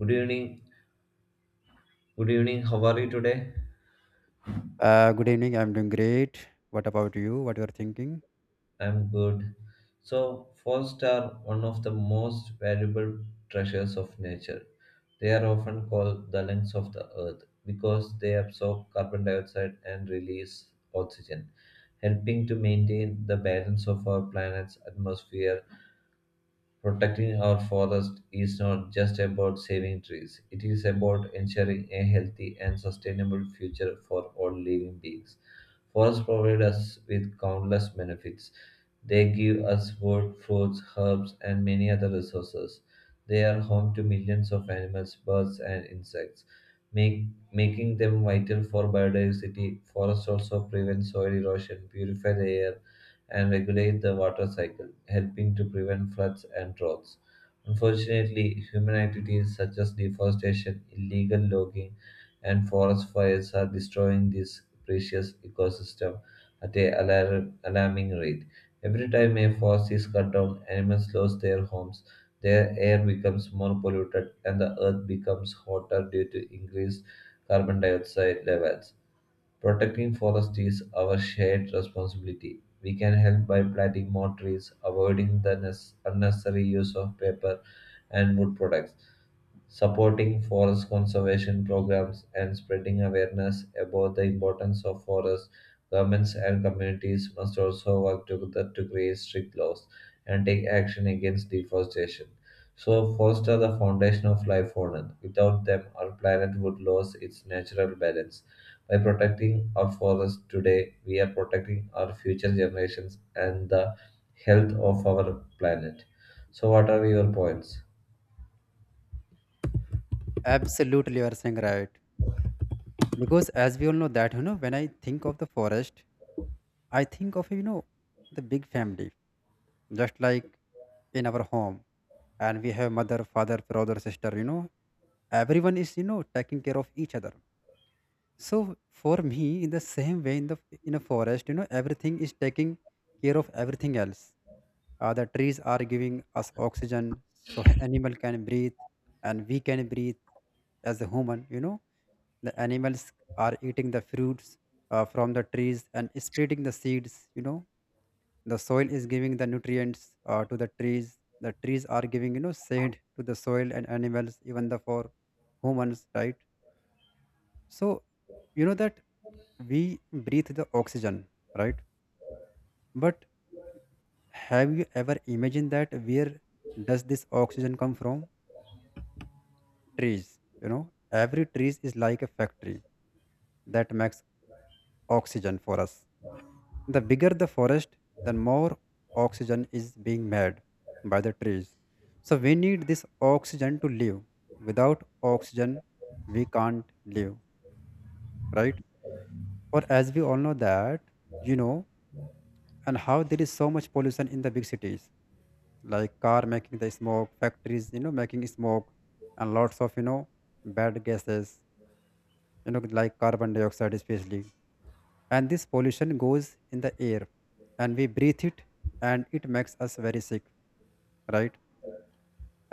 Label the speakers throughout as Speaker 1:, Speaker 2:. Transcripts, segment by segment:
Speaker 1: Good evening. Good evening. How are you today?
Speaker 2: Good evening. I'm doing great. What about you? What you're thinking?
Speaker 1: I'm good. So, forests are one of the most valuable treasures of nature. They are often called the lungs of the earth because they absorb carbon dioxide and release oxygen, helping to maintain the balance of our planet's atmosphere. Protecting our forest is not just about saving trees, it is about ensuring a healthy and sustainable future for all living beings. Forests provide us with countless benefits. They give us wood, fruits, herbs, and many other resources. They are home to millions of animals, birds, and insects, make, making them vital for biodiversity. Forests also prevent soil erosion, purify the air, and regulate the water cycle, helping to prevent floods and droughts. Unfortunately, human activities such as deforestation, illegal logging, and forest fires are destroying this precious ecosystem at a alarming rate. Every time a forest is cut down, animals lose their homes, their air becomes more polluted, and the earth becomes hotter due to increased carbon dioxide levels. Protecting forests is our shared responsibility. We can help by planting more trees, avoiding the unnecessary use of paper and wood products, supporting forest conservation programs and spreading awareness about the importance of forests. Governments and communities must also work together to create strict laws and take action against deforestation. So, forests are the foundation of life on Earth. Without them, our planet would lose its natural balance. By protecting our forests today, we are protecting our future generations and the health of our planet. So, what are your points?
Speaker 2: Absolutely, you are saying right. Because as we all know that, you know, when I think of the forest, I think of, you know, the big family, just like in our home. And we have mother, father, brother, sister, you know, everyone is, you know, taking care of each other. So for me, in the same way, in a forest, you know, everything is taking care of everything else. The trees are giving us oxygen, so animal can breathe, and we can breathe as a human. You know, the animals are eating the fruits from the trees and splitting the seeds. You know, the soil is giving the nutrients to the trees. The trees are giving, you know, shade to the soil and animals, even the for humans, right? So you know that we breathe the oxygen, right? But have you ever imagined that where does this oxygen come from? Trees. You know, every trees is like a factory that makes oxygen for us. The bigger the forest, the more oxygen is being made by the trees. So we need this oxygen to live. Without oxygen, we can't live, right? Or as we all know that, you know, and how there is so much pollution in the big cities, like car making the smoke, factories, you know, making smoke and lots of, you know, bad gases, you know, like carbon dioxide especially, and this pollution goes in the air and we breathe it and it makes us very sick, right?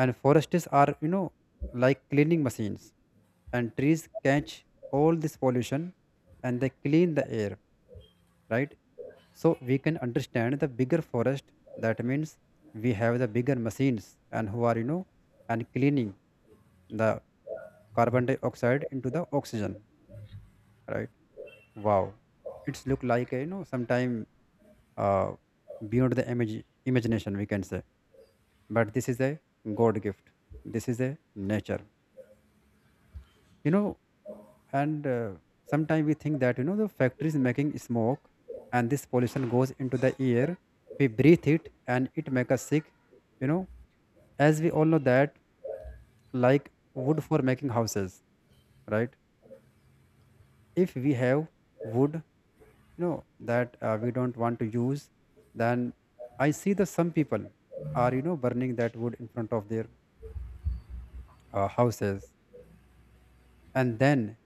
Speaker 2: And forests are, you know, like cleaning machines, and trees catch all this pollution and they clean the air, right? So we can understand the bigger forest, that means we have the bigger machines, and who are, you know, and cleaning the carbon dioxide into the oxygen, right? Wow, it's look like a, you know, sometime, uh, beyond the imagination, we can say. But this is a god gift, this is a nature, you know. And sometimes we think that, you know, the factories making smoke and this pollution goes into the air, we breathe it and it make us sick, you know. As we all know that, like wood for making houses, right? If we have wood, you know, that we don't want to use, then I see that some people are, you know, burning that wood in front of their houses, and then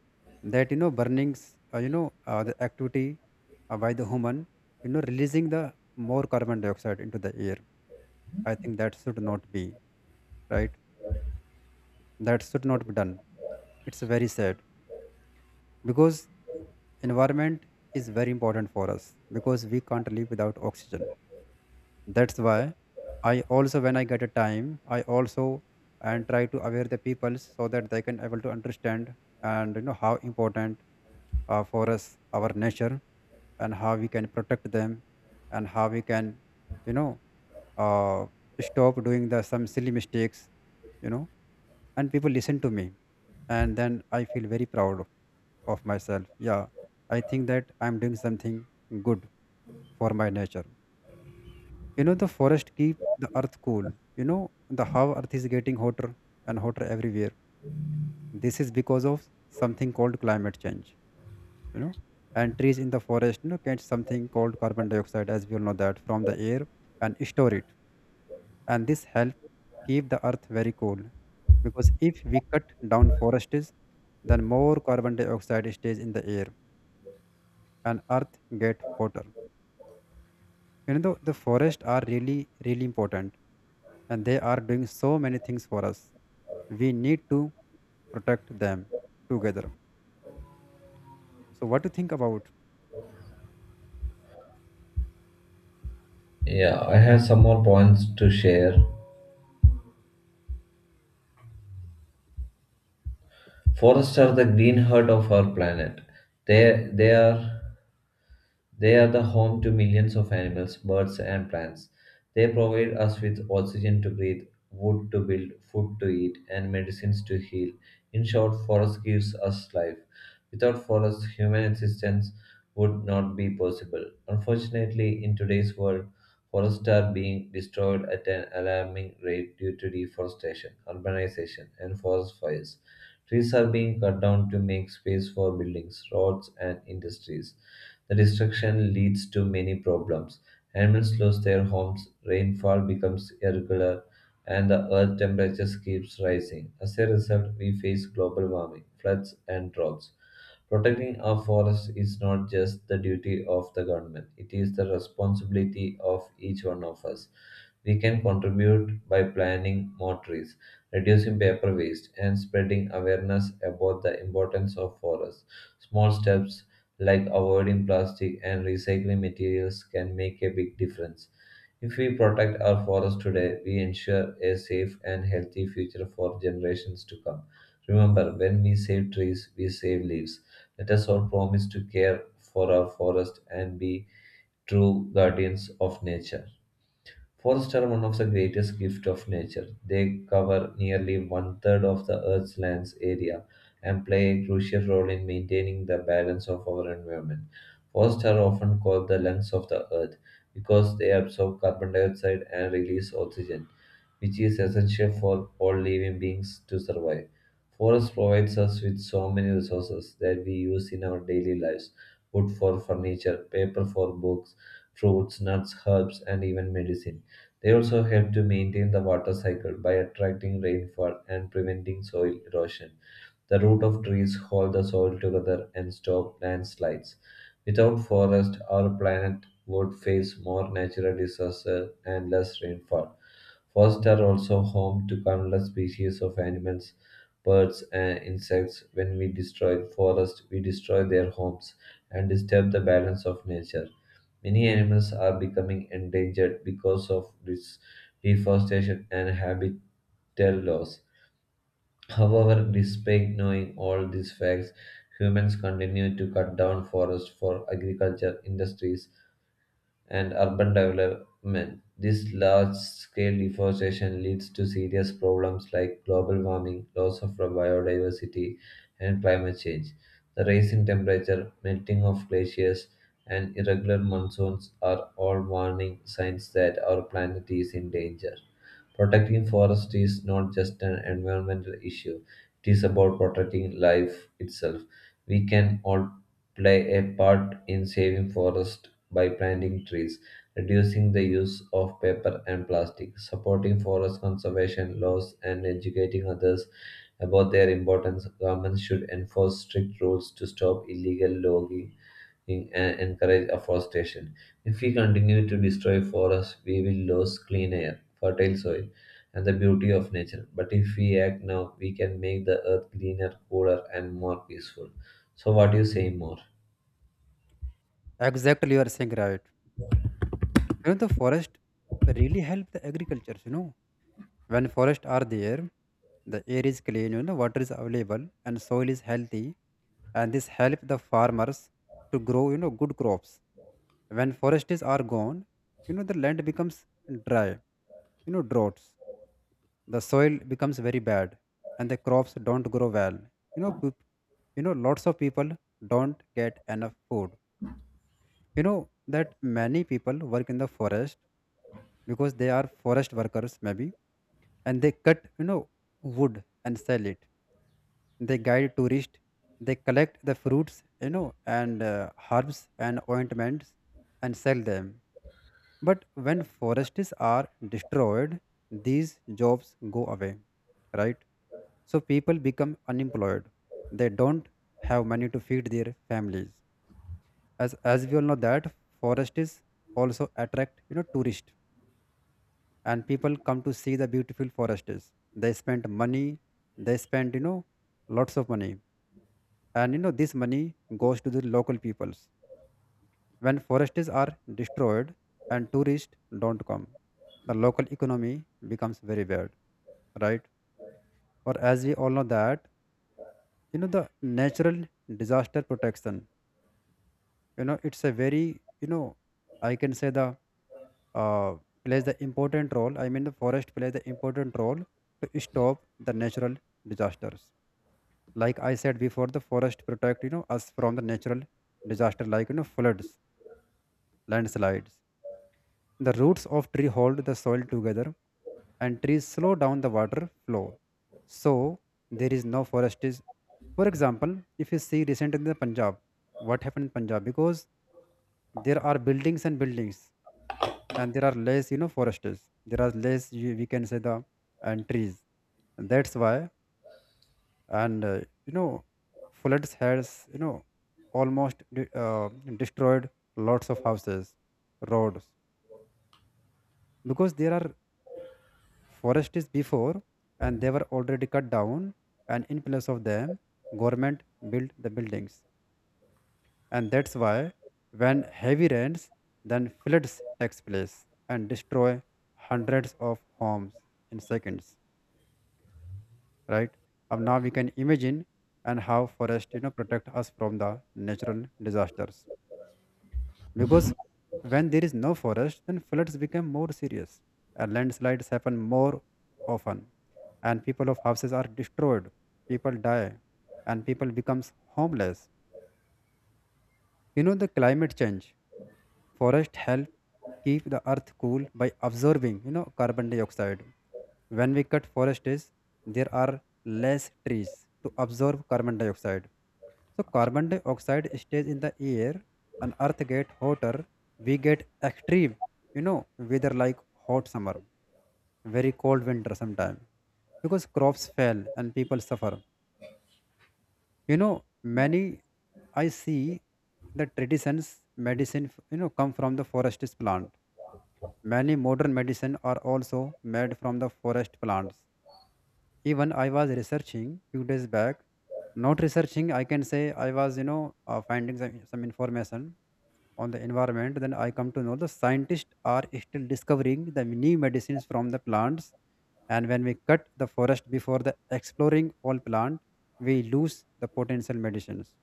Speaker 2: that, you know, burnings, the activity by the human, you know, releasing the more carbon dioxide into the air. I think that should not be, right? That should not be done. It's very sad, because environment is very important for us, because we can't live without oxygen. That's why I also, when I get a time, I also and try to aware the people so that they can able to understand and, you know, how important for us our nature, and how we can protect them, and how we can, you know, uh, stop doing the some silly mistakes, you know, and people listen to me, and then I feel very proud of myself. Yeah, I think that I'm doing something good for my nature. You know, the forest keep the earth cool. You know, the how earth is getting hotter and hotter everywhere. This is because of something called climate change, you know. And trees in the forest, you know, catch something called carbon dioxide, as we all know that, from the air and store it, and this help keep the earth very cool. Because if we cut down forests, then more carbon dioxide stays in the air and earth get hotter. You know, the forests are really really important, and they are doing so many things for us. We need to protect them together. So what do you think about?
Speaker 1: Yeah, I have some more points to share. Forests are the green heart of our planet. They, they are they are the home to millions of animals, birds and plants. They provide us with oxygen to breathe, wood to build, food to eat, and medicines to heal. In short, forest gives us life. Without forests, human existence would not be possible. Unfortunately, in today's world, forests are being destroyed at an alarming rate due to deforestation, urbanization, and forest fires. Trees are being cut down to make space for buildings, roads, and industries. The destruction leads to many problems. Animals lose their homes, rainfall becomes irregular, and the earth temperature keeps rising. As a result, we face global warming, floods, and droughts. Protecting our forests is not just the duty of the government, it is the responsibility of each one of us. We can contribute by planting more trees, reducing paper waste, and spreading awareness about the importance of forests. Small steps like avoiding plastic and recycling materials can make a big difference. If we protect our forests today, we ensure a safe and healthy future for generations to come. Remember, when we save trees, we save lives. Let us all promise to care for our forest and be true guardians of nature. Forests are one of the greatest gifts of nature. They cover nearly one third of the Earth's land's area and play a crucial role in maintaining the balance of our environment. Forests are often called the lungs of the Earth because they absorb carbon dioxide and release oxygen, which is essential for all living beings to survive. Forest provides us with so many resources that we use in our daily lives: wood for furniture, paper for books, fruits, nuts, herbs, and even medicine. They also help to maintain the water cycle by attracting rainfall and preventing soil erosion. The root of trees hold the soil together and stop landslides. Without forest, our planet would face more natural disasters and less rainfall. Forests are also home to countless species of animals, birds, and insects. When we destroy forests, we destroy their homes and disturb the balance of nature. Many animals are becoming endangered because of this deforestation and habitat loss. However, despite knowing all these facts, humans continue to cut down forests for agriculture industries and urban development. This large scale deforestation leads to serious problems like global warming, loss of biodiversity, and climate change. The rise in temperature, melting of glaciers, and irregular monsoons are all warning signs that our planet is in danger. Protecting forests is not just an environmental issue, it is about protecting life itself. We can all play a part in saving forests by planting trees, reducing the use of paper and plastic, supporting forest conservation laws, and educating others about their importance. Governments should enforce strict rules to stop illegal logging and encourage afforestation. If we continue to destroy forests, we will lose clean air, fertile soil, and the beauty of nature. But if we act now, we can make the earth greener, cooler, and more peaceful. So, what do you say more?
Speaker 2: Exactly, you are saying right. You know, the forest really help the agriculture, you know. When forests are there, the air is clean, you know, water is available and soil is healthy, and this help the farmers to grow, you know, good crops. When forests are gone, you know, the land becomes dry, you know, droughts, the soil becomes very bad, and the crops don't grow well. You know, you know, lots of people don't get enough food. You know that many people work in the forest, because they are forest workers maybe, and they cut, you know, wood and sell it. They guide tourists, they collect the fruits, you know, and herbs and ointments and sell them. But when forests are destroyed, these jobs go away, right? So people become unemployed. They don't have money to feed their families. As we all know that, forests also attract, you know, tourists, and people come to see the beautiful forests. They spend money. They spend, you know, lots of money, and you know this money goes to the local peoples. When forests are destroyed and tourists don't come, the local economy becomes very bad, right? Or as we all know that, you know, the natural disaster protection, you know, it's a very, you know, I can say the, uh, plays the important role. I mean, the forest plays the important role to stop the natural disasters. Like I said before, the forest protect, you know, us from the natural disaster, like, you know, floods, landslides. The roots of tree hold the soil together, and trees slow down the water flow. So there is no forest is, for example, if you see recently in the Punjab, what happened in Punjab, because there are buildings and buildings, and there are less, you know, forests. There are less you- we can say the, and trees. That's why, and you know, floods has, you know, almost destroyed lots of houses, roads, because there are forests before, and they were already cut down, and in place of them, government built the buildings. And that's why, when heavy rains, then floods takes place and destroy hundreds of homes in seconds, right? Now we can imagine and how forest, you know, protect us from the natural disasters. Because when there is no forest, then floods become more serious and landslides happen more often, and people of houses are destroyed, people die, and people becomes homeless. You know, the climate change, forest help keep the earth cool by absorbing, you know, carbon dioxide. When we cut forests, there are less trees to absorb carbon dioxide. So carbon dioxide stays in the air and earth get hotter. We get extreme, you know, weather like hot summer, very cold winter sometime, because crops fail and people suffer. You know, many I see the traditions medicine, you know, come from the forest plant. Many modern medicine are also made from the forest plants. Even I was researching few days back, not researching, I can say I was, you know, finding some information on the environment, then I come to know the scientists are still discovering the new medicines from the plants. And when we cut the forest before the exploring all plant, we lose the potential medicines,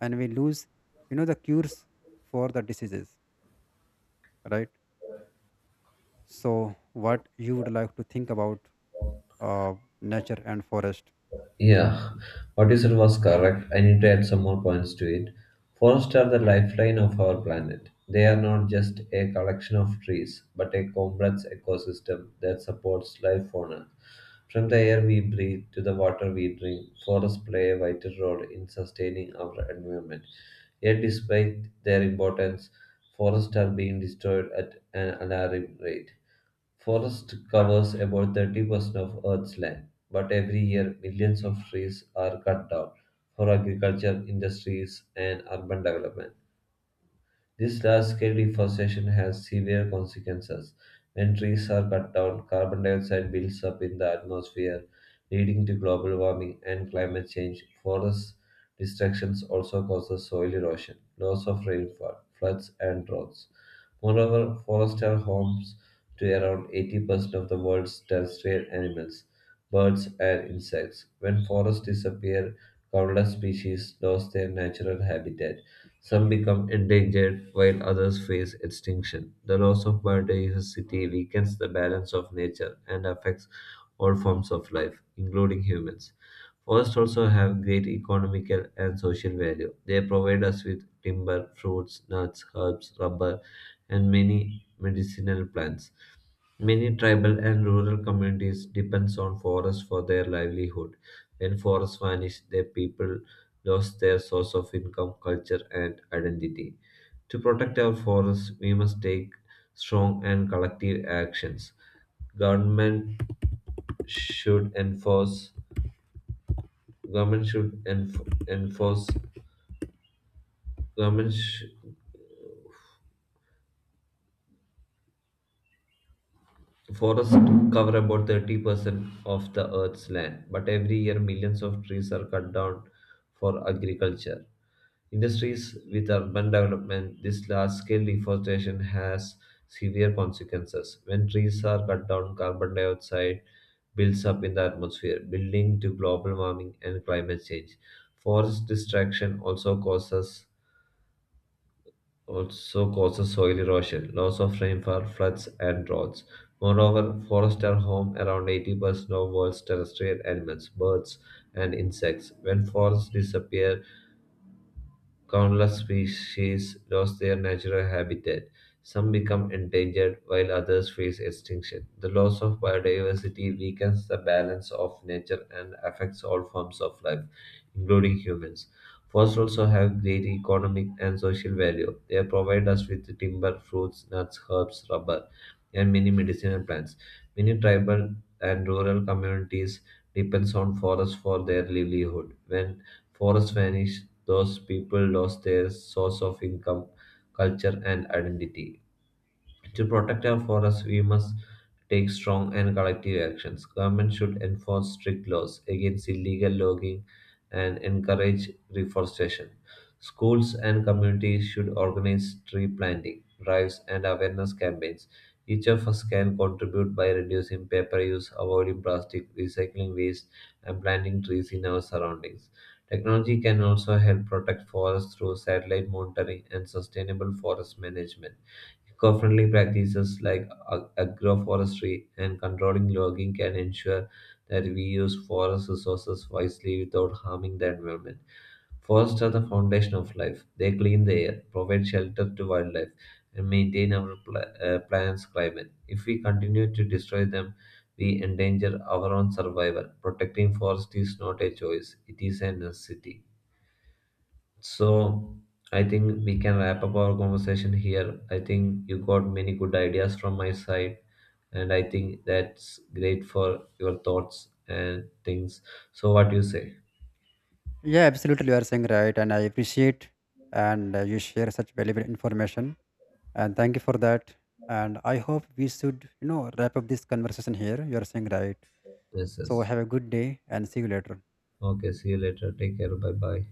Speaker 2: and we lose, you know, the cures for the diseases, right? So, what you would like to think about uh, nature and forest?
Speaker 1: Yeah, what you said was correct. I need to add some more points to it. Forests are the lifeline of our planet. They are not just a collection of trees, but a complex ecosystem that supports life on Earth. From the air we breathe to the water we drink, forests play a vital role in sustaining our environment. Yet, despite their importance, forests are being destroyed at an alarming rate. Forest covers about 30% of Earth's land, but every year millions of trees are cut down for agriculture, industries, and urban development. This large scale deforestation has severe consequences. When trees are cut down, carbon dioxide builds up in the atmosphere, leading to global warming and climate change. Forest destructions also causes soil erosion, loss of rainfall, floods, and droughts. Moreover, forests are homes to around 80% of the world's terrestrial animals, birds, and insects. When forests disappear, countless species lose their natural habitat. Some become endangered, while others face extinction. The loss of biodiversity weakens the balance of nature and affects all forms of life, including humans. Forests also have great economical and social value. They provide us with timber, fruits, nuts, herbs, rubber, and many medicinal plants. Many tribal and rural communities depends on forests for their livelihood. When forests vanished, their people lost their source of income, culture, and identity. To protect our forests, we must take strong and collective actions. Government should enforce government should enf- enforce government sh- Forests cover about 30% of the Earth's land, but every year millions of trees are cut down for agriculture. Industries with urban development, this large scale deforestation has severe consequences. When trees are cut down, carbon dioxide builds up in the atmosphere, leading to global warming and climate change. Forest destruction also causes soil erosion, loss of rainfall, floods, and droughts. Moreover, forests are home around 80% of world's terrestrial animals, birds, and insects. When forests disappear, countless species lost their natural habitat. Some become endangered while others face extinction. The loss of biodiversity weakens the balance of nature and affects all forms of life, including humans. Forests also have great economic and social value. They provide us with timber, fruits, nuts, herbs, rubber, and many medicinal plants. Many tribal and rural communities depends on forests for their livelihood. When forests vanished, those people lost their source of income, culture, and identity. To protect our forests, we must take strong and collective actions. Government should enforce strict laws against illegal logging and encourage reforestation. Schools and communities should organize tree planting, drives, and awareness campaigns. Each of us can contribute by reducing paper use, avoiding plastic, recycling waste, and planting trees in our surroundings. Technology can also help protect forests through satellite monitoring and sustainable forest management. Eco-friendly practices like agroforestry and controlling logging can ensure that we use forest resources wisely without harming the environment. Forests are the foundation of life. They clean the air, provide shelter to wildlife, and maintain our planet's climate. If we continue to destroy them, we endanger our own survival. Protecting forests is not a choice, it is a necessity. So I think we can wrap up our conversation here. I think you got many good ideas from my side, and I think that's great for your thoughts and things. So what do you say?
Speaker 2: Yeah, absolutely, you are saying right, and I appreciate and you share such valuable information, and thank you for that. And I hope we should, you know, wrap up this conversation here, you're saying right.
Speaker 1: Yes,
Speaker 2: So
Speaker 1: yes.
Speaker 2: have a good day and see you later.
Speaker 1: Okay, see you later. Take care. Bye bye.